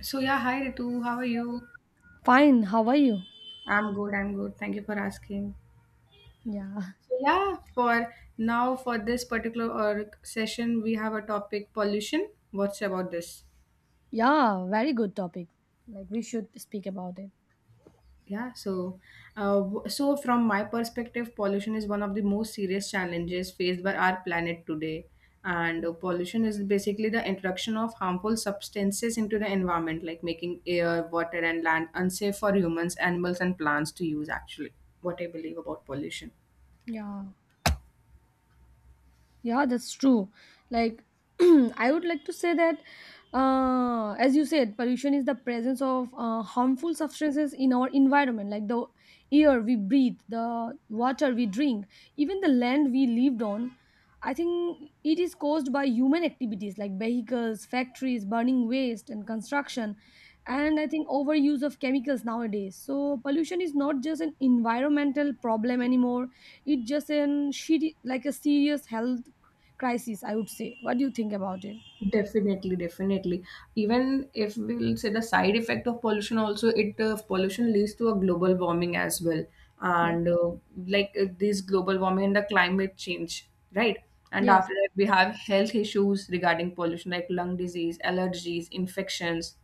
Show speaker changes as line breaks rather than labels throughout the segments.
So yeah, hi Ritu, how are you?
Fine, how are you?
I'm good, I'm good. Thank you for asking.
Yeah,
So yeah, for now for this particular session, we have a topic pollution. What's about this?
yeah, very good topic. Like, we should speak about it.
Yeah, so so from my perspective, pollution is one of the most serious challenges faced by our planet today. And pollution is basically the introduction of harmful substances into the environment, like making air, water, and land unsafe for humans, animals, and plants to use. Actually, what I believe about pollution.
Yeah. Yeah, that's true. Like, I would like to say that, as you said, pollution is the presence of harmful substances in our environment, like the air we breathe, the water we drink, even the land we lived on. I think it is caused by human activities like vehicles, factories, burning waste, and construction, and I think overuse of chemicals nowadays. So, pollution is not just an environmental problem anymore, it's just an shitty, like a serious health crisis, I would say. What do you think about it?
Definitely, definitely. Even if we'll say the side effect of pollution also, it pollution leads to a global warming as well,
Yeah,
and this global warming and the climate change, right? And
yes,
after that, we have health issues regarding pollution, like lung disease, allergies, infections.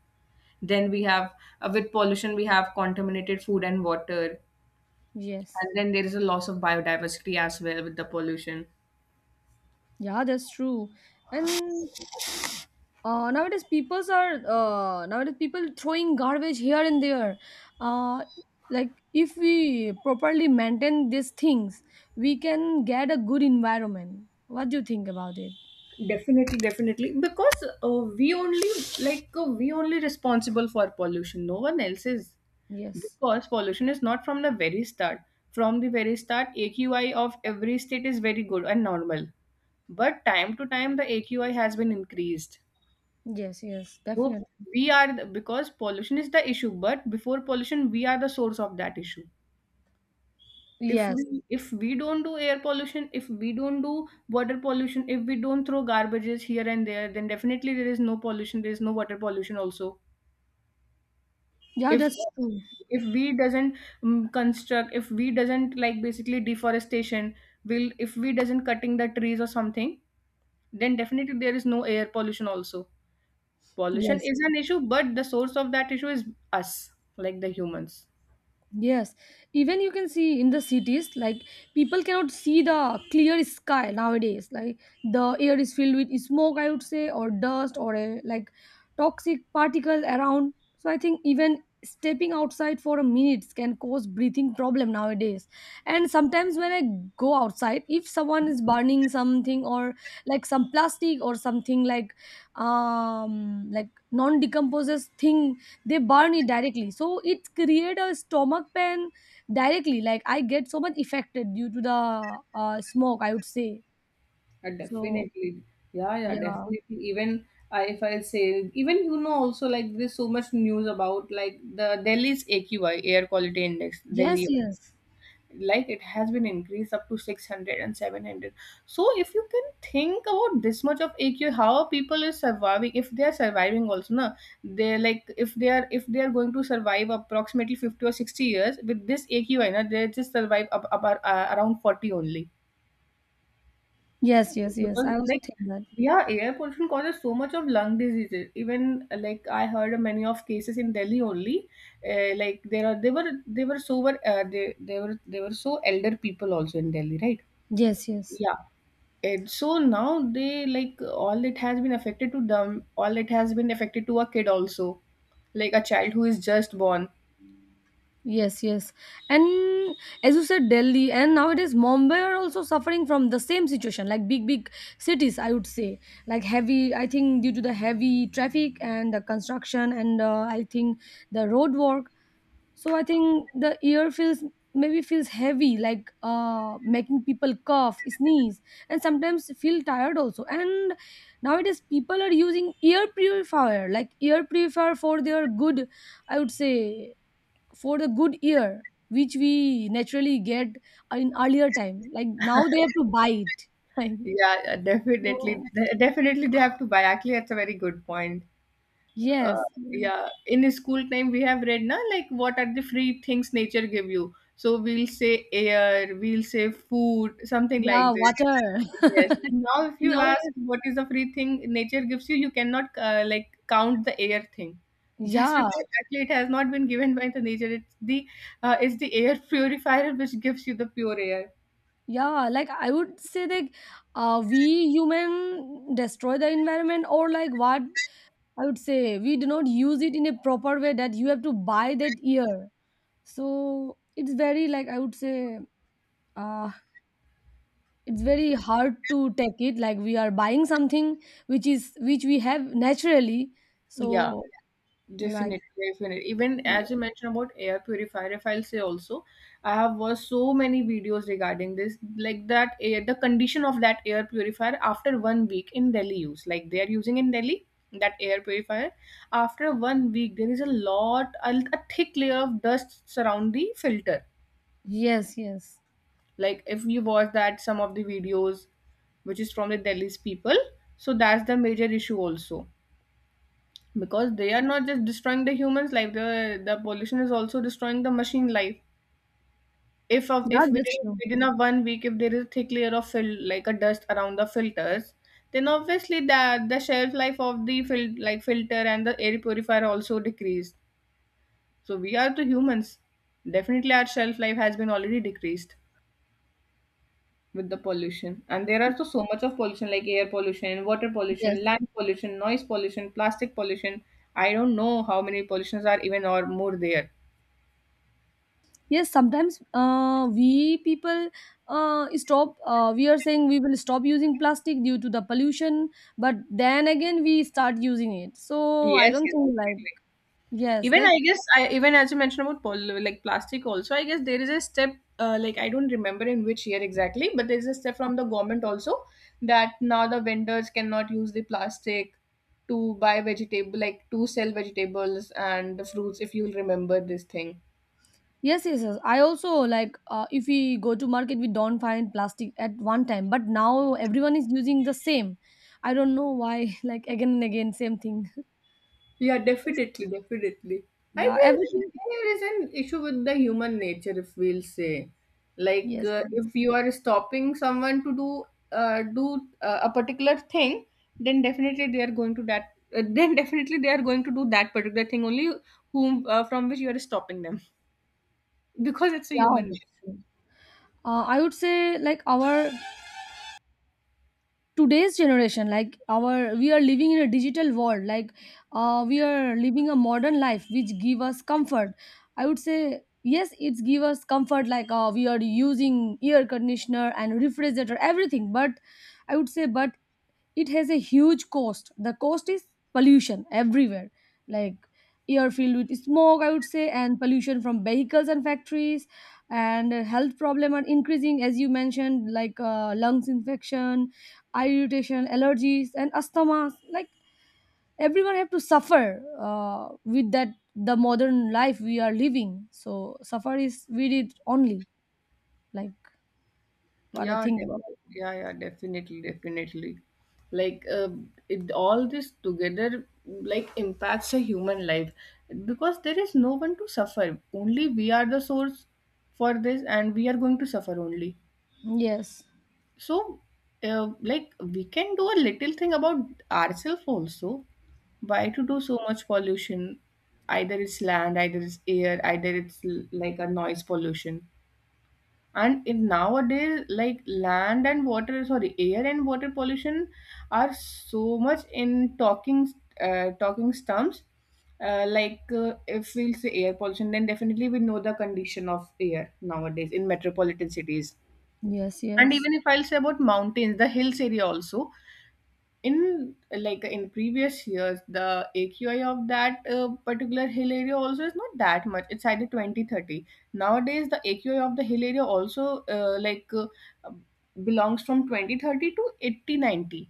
Then we have with pollution, we have contaminated food and water,
yes.
and then there is a loss of biodiversity as well with the pollution.
Yeah, that's true. And nowadays people throwing garbage here and there. Uh, like if we properly maintain these things, we can get a good environment. What do you think about it?
Definitely, definitely because we only we only responsible for pollution, no one else is,
Yes,
because pollution is not from the very start. From the very start, AQI of every state is very good and normal, but time to time the AQI has been increased.
yes, yes,
So
definitely.
because pollution is the issue, but before pollution we are the source of that issue. if we
Yes.
if we don't do air pollution, if we don't do water pollution, if we don't throw garbages here and there, then definitely there is no pollution, there is no water pollution also.
Yeah,
if
that's true.
if we doesn't construct, if we doesn't, like, basically deforestation will, if we doesn't cutting the trees or something, then definitely there is no air pollution also. Pollution
Yes.
is an issue, but the source of that issue is us, like the humans.
Yes, even you can see in the cities, like people cannot see the clear sky nowadays. Like the air is filled with smoke, I would say, or dust, or a, like toxic particle around. So I think even stepping outside for a minute can cause breathing problem nowadays. And sometimes when I go outside, if someone is burning something, or like some plastic or something like non decomposes thing, they burn it directly, so it create a stomach pain directly, like I get so much affected due to the smoke, I would say. So,
Definitely. Yeah, yeah,
yeah.
definitely. Even I, if I say, even you know, also like there's so much news about like the Delhi's AQI, Air Quality Index,
Yes,
Delhi,
yes,
like it has been increased up to 600 and 700. So if you can think about this much of AQI, how are people is surviving, if they are surviving also, na, they're like, if they are going to survive approximately 50 or 60 years with this AQI, na, they just survive up, around 40 only,
yes, yes, yes.
because
I also
like,
think that.
yeah, air pollution causes so much of lung diseases. Even like I heard many of cases in Delhi only. Like there are they were so were they were so elder people also in Delhi, right?
Yes, yes,
Yeah. And so now they like all it has been affected to them, all it has been affected to a kid also, like a child who is just born.
yes, yes. And as you said, Delhi and nowadays Mumbai are also suffering from the same situation, like big big cities, I would say. Like heavy, I think due to the heavy traffic and the construction, and I think the road work. So I think the air feels, maybe feels heavy, like making people cough, sneeze, and sometimes feel tired also. And nowadays people are using air purifier, like air purifier for their good, I would say, for the good ear which we naturally get in earlier time, like now they have to buy it. Like,
Yeah, definitely,
no.
definitely they have to buy. Actually, that's a very good point. uh,
Yes. Like,
yeah, in school time we have read na, like what are the free things nature give you? So we'll say air, we'll say food, something
yeah,
like this.
water.
Yes, and now if you
Now,
ask what is the free thing nature gives you, you cannot like count the air thing. Just
yeah.
because actually it has not been given by the nature, it's the air purifier which gives you the pure air.
Yeah, like I would say that, we human destroy the environment, or like what I would say, we do not use it in a proper way, that you have to buy that year. So it's very, like I would say, uh, it's very hard to take it, like we are buying something which is, which we have naturally.
Yeah.
So, like,
Definitely, definitely. Even as you mentioned about air purifier, if I'll say also, I have watched so many videos regarding this, like that air, the condition of that air purifier after 1 week in Delhi use. Like they are using in Delhi that air purifier. After 1 week, there is a lot, a thick layer of dust surround the filter.
yes, yes.
Like if you watch that some of the videos, which is from the Delhi's people, so that's the major issue also, because they are not just destroying the human's life, the pollution is also destroying the machine life. If of
Yeah,
if
that's
within,
true.
within a 1 week if there is a thick layer of like a dust around the filters, then obviously the shelf life of the like filter and the air purifier also decreased. So we are the humans, definitely our shelf life has been already decreased with the pollution. And there are so, so much of pollution, like air pollution, water
Yes.
pollution, land pollution, noise pollution, plastic pollution. I don't know how many pollutions are even or more there.
Yes, sometimes we people stop. We are saying we will stop using plastic due to the pollution, but then again we start using it. So I
Yes,
don't
yes, yes.
think, like, yes.
Even
Like,
I guess, I, even as you mentioned about like plastic also, I guess there is a step, like I don't remember in which year exactly, but there is a step from the government also, that now the vendors cannot use the plastic to buy vegetable, like to sell vegetables and the fruits, if you'll remember this thing.
yes, yes, yes. I also, like if we go to market, we don't find plastic at one time, but now everyone is using the same. I don't know why. Like, again and again, same thing.
Yeah, definitely, definitely. I
Yeah,
guess
everything.
there is an issue with the human nature, if we'll say, like
Yes, yes.
if you are stopping someone to do a particular thing, then definitely they are going to that. Then definitely they are going to do that particular thing only, whom from which you are stopping them, because it's a
Yeah,
human.
that's true. I would say, like our today's generation, like our we are living in a digital world, like we are living a modern life which give us comfort, I would say. Yes, it's give us comfort, like we are using air conditioner and refrigerator everything, but I would say, but it has a huge cost. The cost is pollution everywhere, like air filled with smoke, I would say, and pollution from vehicles and factories, and health problem are increasing, as you mentioned, like lungs infection, eye irritation, allergies and asthma, like everyone have to suffer with that the modern life we are living. So suffer is we did only, like what I
Yeah,
think about
def-
it.
yeah, yeah, definitely, definitely. Like, it, all this together, like, impacts a human life, because there is no one to suffer. Only we are the source for this, and we are going to suffer only.
Yes,
So, like, we can do a little thing about ourselves also. Why to do so much pollution? Either it's land, either it's air, either it's like a noise pollution. And in nowadays, like land and water, sorry, air and water pollution are so much in talking talking terms. If we'll say air pollution, then definitely we know the condition of air nowadays in metropolitan cities.
yes,
And
yes.
even if I'll say about mountains, the hills area also, in like in previous years, the AQI of that particular hill area also is not that much, it's either 20, 30. Nowadays the AQI of the hill area also belongs from 20, 30 to 80, 90.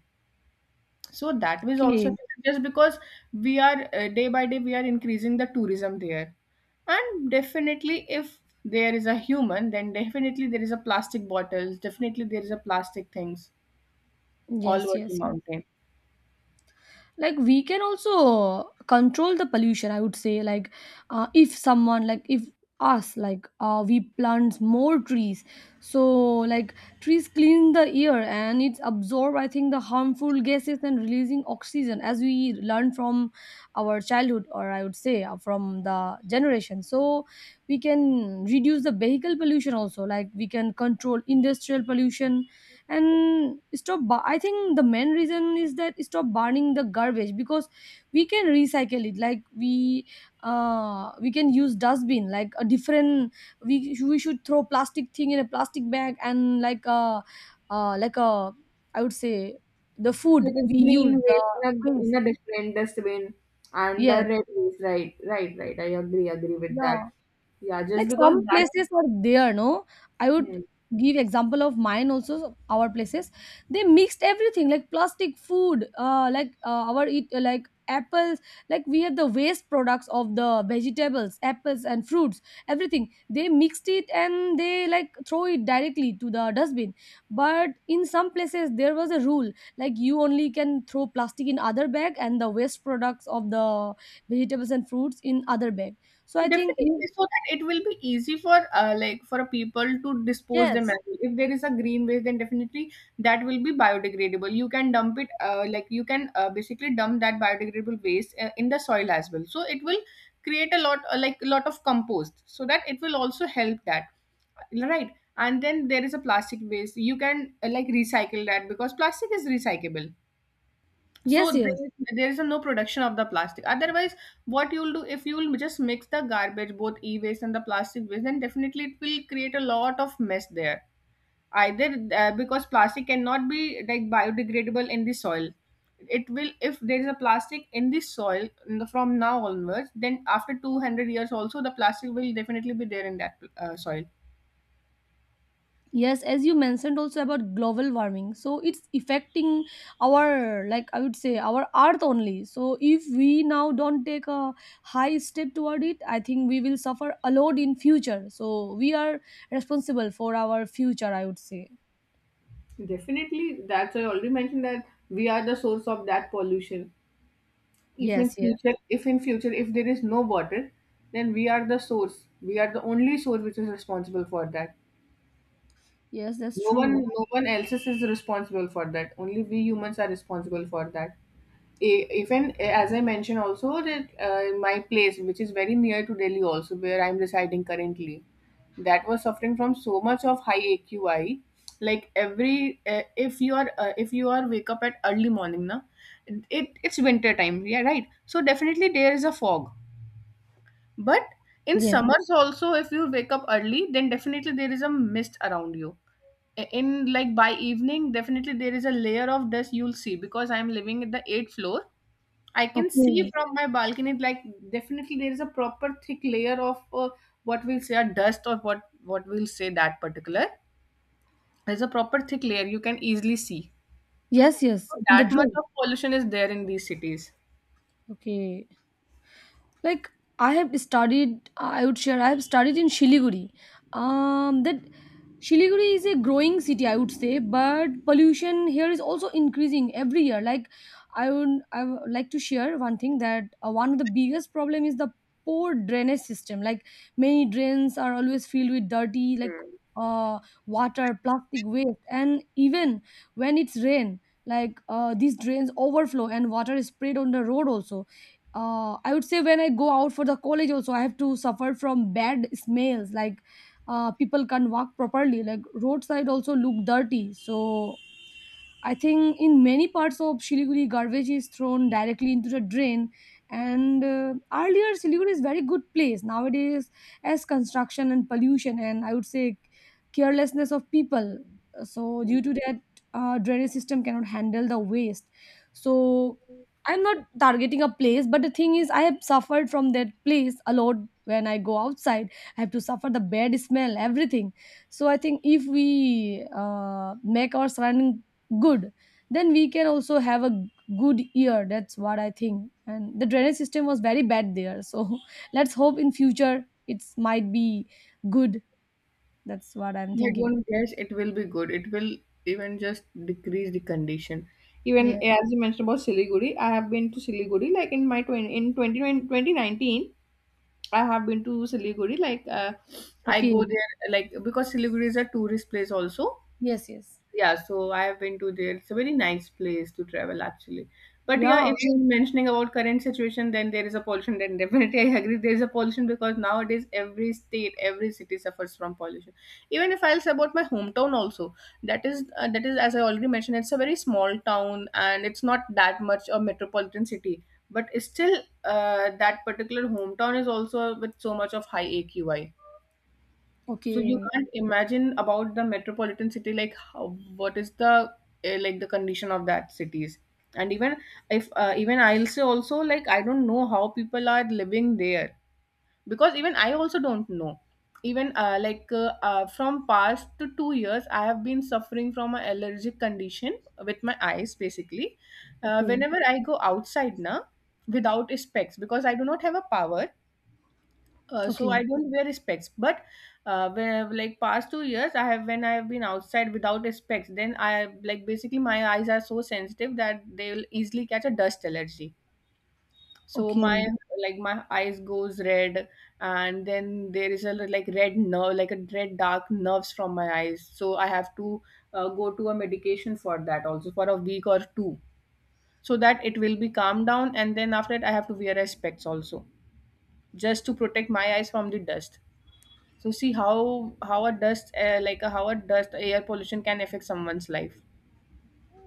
So that was also
Okay.
affected, just because we are, day by day we are increasing the tourism there. And definitely if there is a human, then definitely there is a plastic bottles, definitely there is a plastic things all
Yes,
over the
yes.
mountain.
Like, we can also control the pollution, I would say. Like, if someone, like if us, like we plant more trees, so like trees clean the air and it's absorb, I think, the harmful gases and releasing oxygen, as we learn from our childhood, or I would say from the generation. So we can reduce the vehicle pollution also, like we can control industrial pollution and stop I think the main reason is that stop burning the garbage, because we can recycle it. Like we can use dustbin, like a different, we should throw plastic thing in a plastic bag, and like a like a, I would say, the food
Like a
we use,
green
the
waste in
waste.
a different dustbin and the
Yes.
red waste. Right, right, right. I agree, agree with
Yeah.
that. Yeah, just
Like,
because
some
that.
places are there, no? I would
Hmm.
give example of mine also, our places they mixed everything like plastic food like our eat like apples, like we have the waste products of the vegetables, apples and fruits, everything they mixed it, and they like throw it directly to the dustbin. But in some places there was a rule, like you only can throw plastic in other bag, and the waste products of the vegetables and fruits in other bag. So I think in,
Definitely, so that it will be easy for like for a people to dispose them as
yes.
well. If there is a green waste, then definitely that will be biodegradable, you can dump it, like you can basically dump that biodegradable waste in the soil as well, so it will create a lot, like a lot of compost, so that it will also help that, right. And then there is a plastic waste, you can, like recycle that, because plastic is recyclable. So
Yes, yes.
there is a no production of the plastic. Otherwise, what you'll do if you'll just mix the garbage, both e-waste and the plastic waste, then definitely it will create a lot of mess there. Either because plastic cannot be like biodegradable in the soil, it will, if there is a plastic in the soil, in the, from now onwards, then after 200 years also the plastic will definitely be there in that soil.
Yes, as you mentioned also about global warming. So it's affecting our, like I would say, our earth only. So if we now don't take a high step toward it, I think we will suffer a lot in future. So we are responsible for our future, I would say.
Definitely, that's, I already mentioned that we are the source of that pollution. If in
Yes, yes.
future, if in future, if there is no water, then we are the source. We are the only source which is responsible for that.
Yes, that's
No one,
true.
no one else is responsible for that. Only we humans are responsible for that. Even as I mentioned also that in my place, which is very near to Delhi also, where I'm residing currently, that was suffering from so much of high AQI. Like every if you are wake up at early morning na, it, it's winter time, yeah, right, so definitely there is a fog. But in
Yes.
summers also, if you wake up early, then definitely there is a mist around you. In like by evening, definitely there is a layer of dust you'll see, because I'm living at the eighth floor. I can see
Okay.
from my balcony, like definitely there is a proper thick layer of, what we'll say, a dust or what we'll say that particular. There's a proper thick layer you can easily see.
Yes,
So
yes. In the
that much
dream.
of pollution is there in these cities.
Okay. Like, I have studied, I would share, I have studied in Shiliguri. That Shiliguri is a growing city, I would say, but pollution here is also increasing every year. Like, I would like to share one thing, that one of the biggest problem is the poor drainage system. Like, many drains are always filled with dirty, like
Hmm.
uh water, plastic waste, and even when it's rain, like these drains overflow and water is sprayed on the road also. I would say, when I go out for the college also, I have to suffer from bad smells. Like, people can't walk properly. Like, roadside also look dirty. So I think in many parts of Siliguri, garbage is thrown directly into the drain. And earlier, Siliguri is very good place. Nowadays, as construction and pollution, and I would say carelessness of people. So due to that, drainage system cannot handle the waste. So I'm not targeting a place, but the thing is, I have suffered from that place a lot. When I go outside, I have to suffer the bad smell, everything. So I think if we make our surrounding good, then we can also have a good year. That's what I think. And the drainage system was very bad there, so let's hope in future it might be good. That's what I'm
I
thinking.
don't guess it will be good. It will even just decrease the condition. Even
Yeah.
as you mentioned about Siliguri, I have been to Siliguri like in my 20, in 20, 2019. I have been to Siliguri like I go
Okay.
there like because Siliguri is a tourist place also.
Yes, yes.
Yeah, so I have been to there. It's a very nice place to travel actually. But
Yeah.
yeah, if you're mentioning about current situation, then there is a pollution. Then definitely I agree there is a pollution because nowadays every state, every city suffers from pollution. Even if I'll say about my hometown also, that is as I already mentioned, it's a very small town and it's not that much a metropolitan city. But still, that particular hometown is also with so much of high AQI, so you
Okay,
can't imagine about the metropolitan city, like how, what is the like the condition of that cities, and even if even I'll say also like I don't know how people are living there because even I also don't know. Even like From past to 2 years, I have been suffering from an allergic condition with my eyes basically.
okay,
Whenever I go outside now without specs because I do not have a power, so
okay,
I don't wear specs, but where, like past 2 years, I have been outside without specs, then I like basically my eyes are so sensitive that they will easily catch a dust allergy. So my
okay.
like my eyes goes red, and then there is a like red nerve, like a red dark nerves from my eyes. So I have to go to a medication for that also for a week or two, so that it will be calmed down, and then after that I have to wear a specs also just to protect my eyes from the dust. So see how a dust how a dust air pollution can affect someone's life.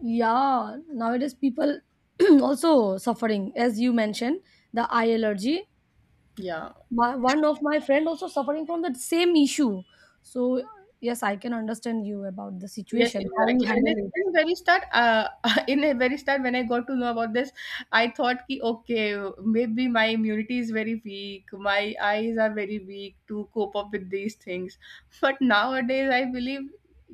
Yeah, nowadays people also suffering, as you mentioned, the eye allergy.
Yeah.
My one of my friend also suffering from that same issue. So yes, I can understand you about the
Yes,
situation, how you
exactly.
handle it.
In very start, in a very start, when I got to know about this, I thought ki, okay, maybe my immunity is very weak, my eyes are very weak to cope up with these things. But nowadays, I believe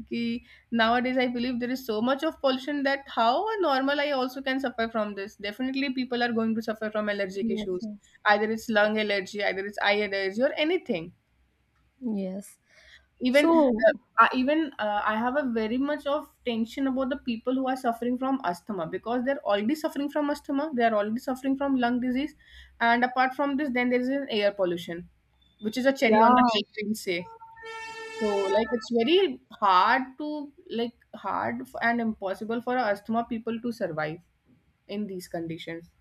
ki, nowadays I believe there is so much of pollution that how a normal eye also can suffer from this. Definitely, people are going to suffer from allergic
Yes,
issues,
yes.
either it's lung allergy, either it's eye allergy, or anything
Yes.
even
So,
uh, I have a very much of tension about the people who are suffering from asthma, because they're already suffering from asthma, they are already suffering from lung disease, and apart from this then there is an air pollution, which is a cherry on the
yeah,
cake we will say. So like it's very hard to like hard f- and impossible for asthma people to survive in these conditions.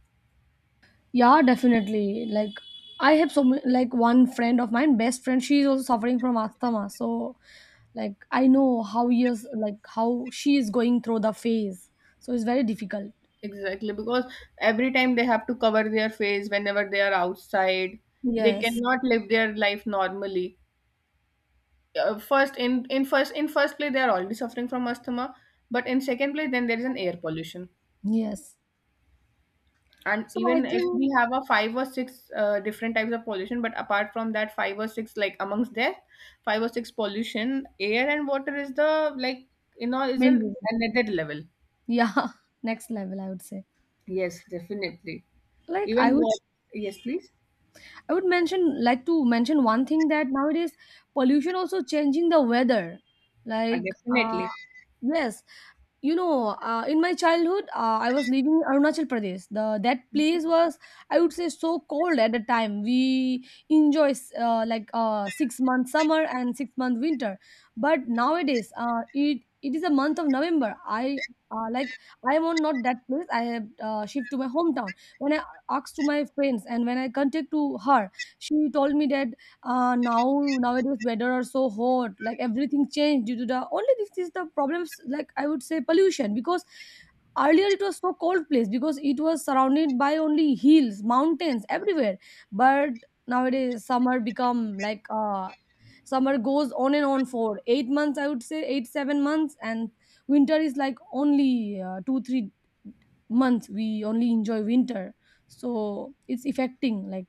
yeah, definitely. Like, I have so many, like one friend of mine, best friend, she is also suffering from asthma. So, like, I know how years, like how she is going through the phase. So it's very difficult.
Exactly, because every time they have to cover their face whenever they are outside, they
Yes,
cannot live their life normally. First in first place they are already suffering from asthma, but in second place then there is an air pollution,
yes.
and
So I
even if we
think
have a five or six different types of pollution, but apart from that five or six, like amongst that five or six pollution, air and water is the, like, is
main
an
reason.
another level.
Yeah. Next level, I would say.
Yes, definitely.
Like,
Even
i would
what? Yes, please.
i would mention, like to mention one thing, that nowadays pollution also changing the weather, like
Definitely.
yes. In my childhood, I was living in Arunachal Pradesh. The that place was, I would say, so cold at the time. We enjoy like 6 month summer and 6 month winter, but nowadays, it is a month of November. Uh, like I am on not that place. I have shift to my hometown. When I asked to my friends, and when I contact to her, she told me that now nowadays weather are so hot, like everything changed due to the only this is the problems, like I would say pollution. Because earlier it was so cold place, because it was surrounded by only hills, mountains everywhere. But nowadays summer become like, summer goes on and on for 8 months, I would say 8 7 months, and winter is like only 2 3 months we only enjoy winter. So it's affecting like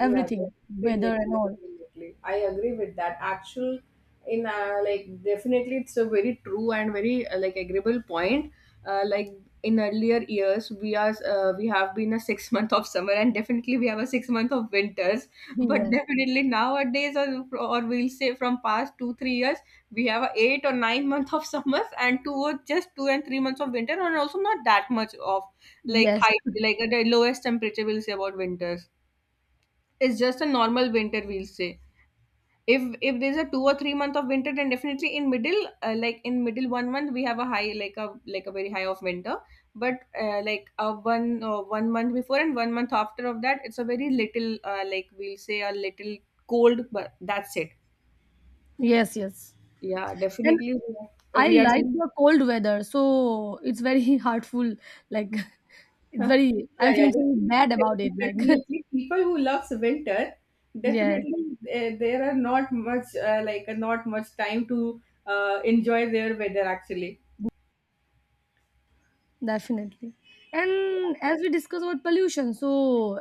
Yeah,
weather
definitely,
and all.
definitely. I agree with that. Actual, in like definitely, it's a very true and very like agreeable point. Like in earlier years, we have been a 6 month of summer, and definitely we have a 6 month of winters. But
Yeah.
definitely nowadays, or we'll say from past 2-3 years, we have a 8 or 9 month of summers and two or just 2 and 3 months of winter, and also not that much of like
Yes,
high like the lowest temperature we'll say about winters. It's just a normal winter, we'll say. If there's a 2 or 3 month of winter, then definitely in middle, like in middle one month we have a high, like a very high of winter. But one month before and one month after of that, it's a very little, like we'll say a little cold, but that's it.
yes, yes.
Yeah,
And
definitely we are,
I
we are.
like the cold weather, so it's very heartful. Like, it's
Huh.
very,
Yeah,
I'm
yeah,
feeling so bad about it.
definitely.
Like,
Definitely. People who loves winter,
yeah,
definitely there are not much not much time to enjoy their weather actually.
definitely. And as we discuss about pollution, so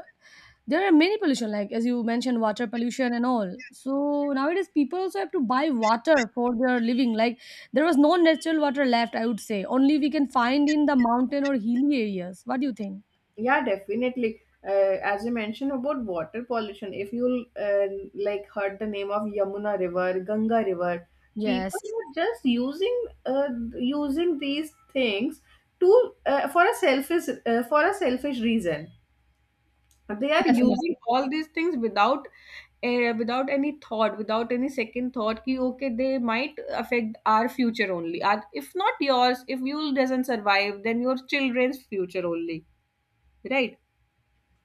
there are many pollution, like as you mentioned, water pollution and all. So nowadays, people also have to buy water for their living. Like, there was no natural water left, I would say. Only we can find in the mountain or hilly areas. What do you think?
Yeah, definitely. As you mentioned about water pollution, if you like heard the name of Yamuna River, Ganga River, people
Yes,
are just using these things to for a selfish reason, they are
definitely.
using all these things without without any thought, without any second thought ki okay they might affect our future only, our, if not yours, if you doesn't survive then your children's future only, right?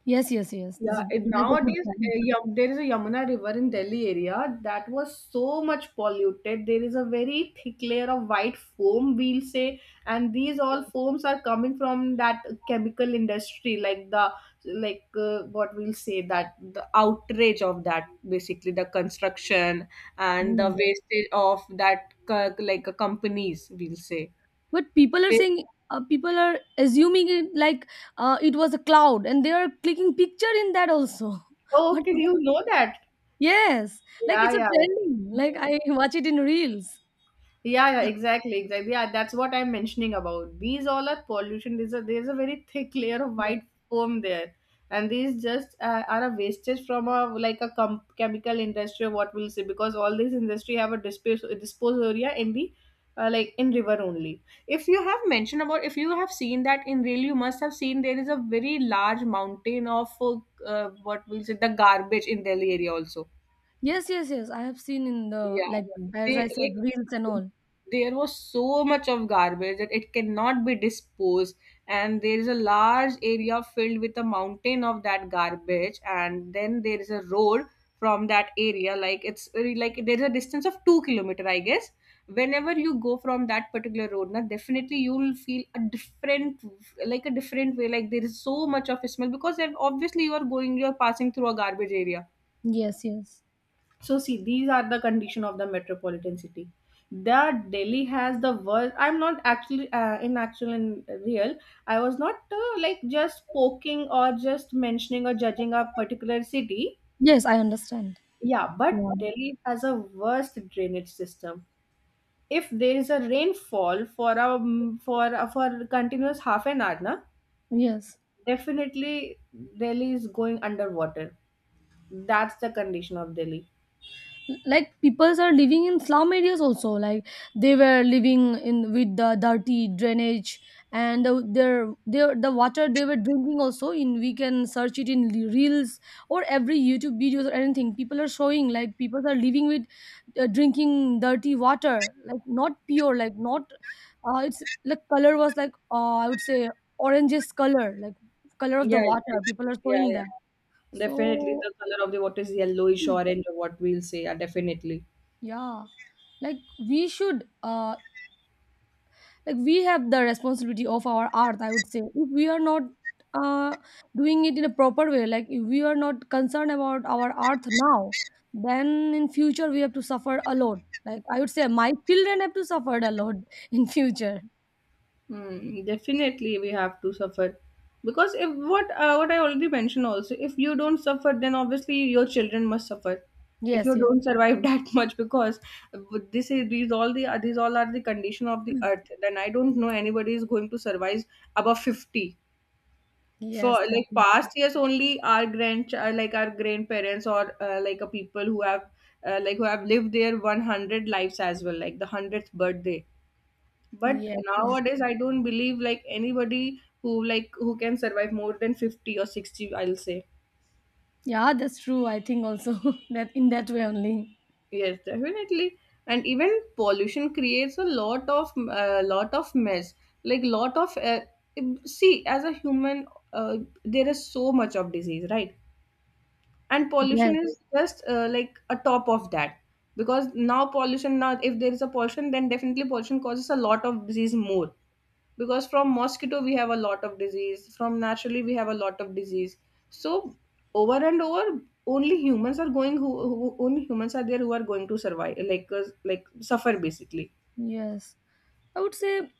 Yes, yes, yes.
Yeah, it,
That's a good
nowadays,
point.
there is a Yamuna River in Delhi area that was so much polluted. There is a very thick layer of white foam, we'll say, and these all foams are coming from that chemical industry, like the like what we'll say, that the outrage of that, basically the construction and the
Mm, yeah.
wastage of that companies we'll say.
But people are
They,
saying people are assuming it like it was a cloud, and they are clicking picture in that also. What
oh, did
is,
you know that?
yes, like
Yeah,
it's a
yeah.
trending. Like I watch it in reels.
Yeah, yeah, exactly, exactly. Yeah, that's what I'm mentioning about. These all are pollution. There's a very thick layer of white foam there, and these just are a wastage from a like a chemical industry or what we'll say, because all these industry have a dispose area in the like in river only. If you have mentioned about, if you have seen that in real, you must have seen there is a very large mountain of what we'll say the garbage in Delhi area also.
Yes, yes, yes. Yes. I have seen in the like
Yeah,
as
they
I said reels and
like
all.
there was so much of garbage that it cannot be disposed, and there is a large area filled with a mountain of that garbage, and then there is a road from that area. Like it's very- like there's a distance of 2 kilometer, I guess. Whenever you go from that particular road, now definitely you'll feel a different, like a different way. Like there is so much of smell because then obviously you are going, you are passing through a garbage area,
Yes, yes,
so see, these are the condition of the metropolitan city. That Delhi has the worst. I'm not actually in actual and real. I was not like just poking or just mentioning or judging a particular city.
yes. I understand.
Yeah,
Yeah.
but Delhi has a worst drainage system. If there is a rainfall for a for a continuous half an hour, na,
Yes.
definitely Delhi is going underwater. That's the condition of Delhi.
Like peoples are living in slum areas also, like they were living in with the dirty drainage, and the, their the water they were drinking also in, we can search it in reels or every YouTube videos or anything. People are showing like people are living with drinking dirty water, like not pure, like not it's like color was like I would say oranges color, like color of the
Yeah,
water
yeah,
people are showing that.
yeah. Definitely,
So
the color of the water is yellowish orange, or what we'll say. Yeah, definitely.
yeah, like we should, like we have the responsibility of our art, I would say. If we are not, uh, doing it in a proper way, like if we are not concerned about our art now, then in future we have to suffer a lot. Like I would say, my children have to suffer a lot in future.
Hmm, definitely, we have to suffer because if what I already mentioned also, if you don't suffer, then obviously your children must suffer. If
Yes,
you
yes,
don't survive that much, because this is these all the these all are the condition of the earth. Then I don't know anybody is going to survive above 50. For
yes, that,
like past years only our grandchild like our grandparents, or like a people who have like who have lived their 100 lives as well, like the 100th birthday, but
yes, yes.
nowadays I don't believe like anybody who like who can survive more than 50 or 60 I'll say.
Yeah, that's true. I think also that in that way only.
Yes, definitely. And even pollution creates a lot of mess. Like lot of see, as a human, uh, there is so much of disease, right? And
Yes,
pollution is just like a top of that, because now pollution, now if there is a pollution then definitely pollution causes a lot of disease more, because from mosquito we have a lot of disease, from naturally we have a lot of disease. So over and over, only humans are going who only humans are there who are going to survive like suffer basically.
yes. I would say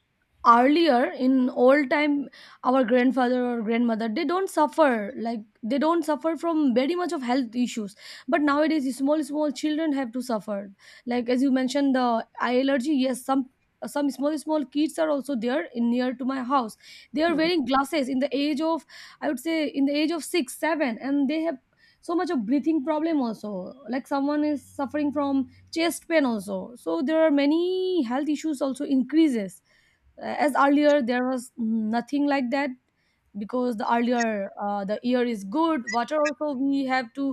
earlier in old time our grandfather or grandmother, they don't suffer, like they don't suffer from very much of health issues. But nowadays small small children have to suffer, like as you mentioned the eye allergy. Yes, some small small kids are also there in near to my house. They are
Hmm.
wearing glasses in the age of, I would say in the age of 6 7, and they have so much of breathing problem also, like someone is suffering from chest pain also. So there are many health issues also increases. As earlier there was nothing like that, because the earlier the air is good, water also we have to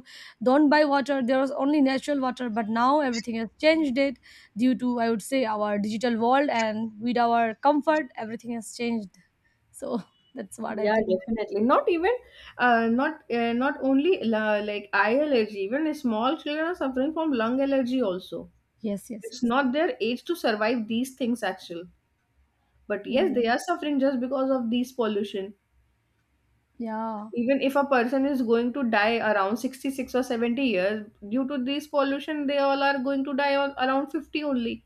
don't buy water, there was only natural water. But now everything has changed it, due to I would say our digital world, and with our comfort everything has changed. So that's what I
Yeah,
think.
definitely. Not even, not Not only la like eye allergy. Even small children are suffering from lung allergy also.
Yes, yes,
It's
yes,
not their age to survive these things actually, but yes
yeah,
they are suffering just because of these pollution.
yeah.
Even if a person is going to die around 66 or 70 years due to these pollution, they all are going to die on around 50 only.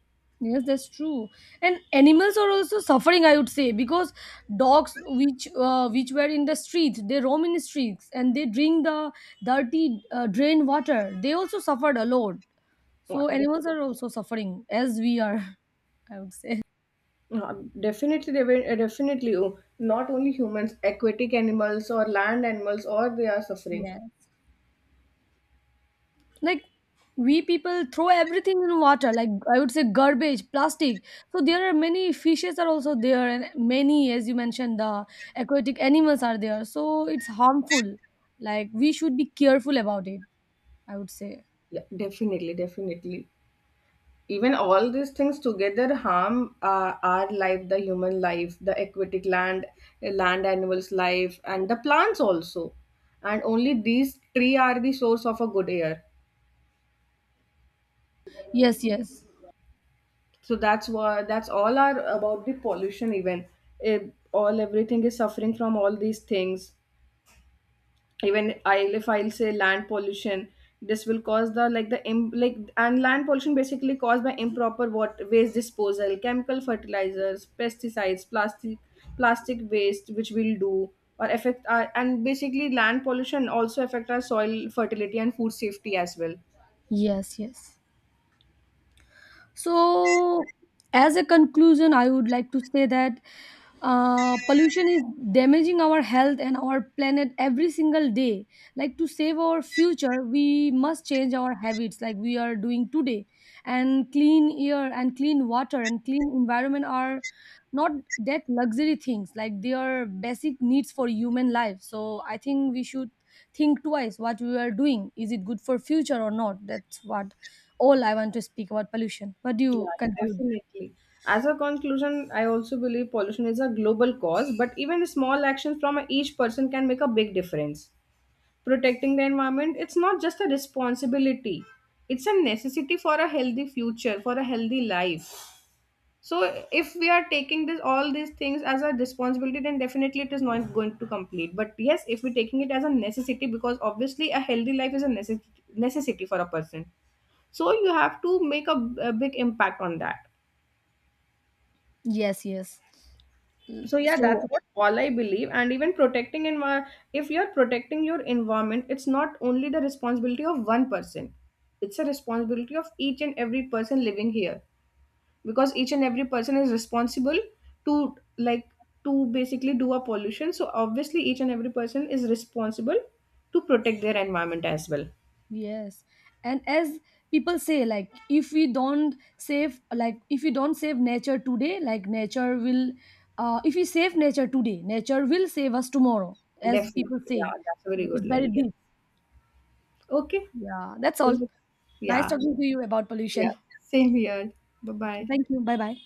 Yes, that's true. And animals are also suffering, I would say, because dogs, which were in the streets, they roam in the streets and they drink the dirty drain water. They also suffered a lot. So
Wha- def-
animals are also suffering as we are, I would say.
Definitely they will- definitely, oh, not only humans, aquatic animals or land animals, or they are suffering.
Yeah. Like we people throw everything in water, like I would say garbage, plastic. So there are many fishes are also there, and many, as you mentioned, the aquatic animals are there, so it's harmful. Like we should be careful about it, I would say.
Yeah, definitely, definitely. Even all these things together harm our life, the human life, the aquatic land land animals life, and the plants also. And only these three are the source of a good air.
Yes, yes,
So that's what, that's all are about the pollution even. Eh, all, everything is suffering from all these things. Even I'll, if I'll say land pollution, this will cause the like the im- like and land pollution, basically caused by improper water waste disposal, chemical fertilizers, pesticides, plastic waste, which will do or affect our, and basically land pollution also affect our soil fertility and food safety as well.
yes, yes. So, as a conclusion, I would like to say that pollution is damaging our health and our planet every single day. Like to save our future, we must change our habits, like we are doing today. And clean air and clean water and clean environment are not that luxury things. Like they are basic needs for human life. So I think we should think twice what we are doing. Is it good for future or not? That's what all I want to speak about pollution. What do you
Yeah,
conclude?
definitely. As a conclusion, I also believe pollution is a global cause, but even small actions from each person can make a big difference. Protecting the environment, it's not just a responsibility, it's a necessity for a healthy future, for a healthy life. So if we are taking this all these things as a responsibility, then definitely it is not going to complete. But yes, if we're taking it as a necessity, because obviously a healthy life is a necessity for a person. So you have to make a big impact on that.
Yes, yes.
So yeah, that's
So,
what all I believe, and even protecting if you're protecting your environment, it's not only the responsibility of one person, it's a responsibility of each and every person living here, because each and every person is responsible to, like, to basically do a pollution, so obviously each and every person is responsible to protect their environment as well.
yes. And as people say, like, if we don't save, like, if we don't save nature today, like, nature will, if we save nature today, nature will save us tomorrow, as people
Definitely,
say.
yeah, that's a
So
very good
it's
line.
very
Yeah,
deep.
okay,
Yeah, that's
so
all. Nice
yeah.
talking to you about
Yeah,
pollution.
same here. Bye
Okay,
bye.
thank you. Bye bye.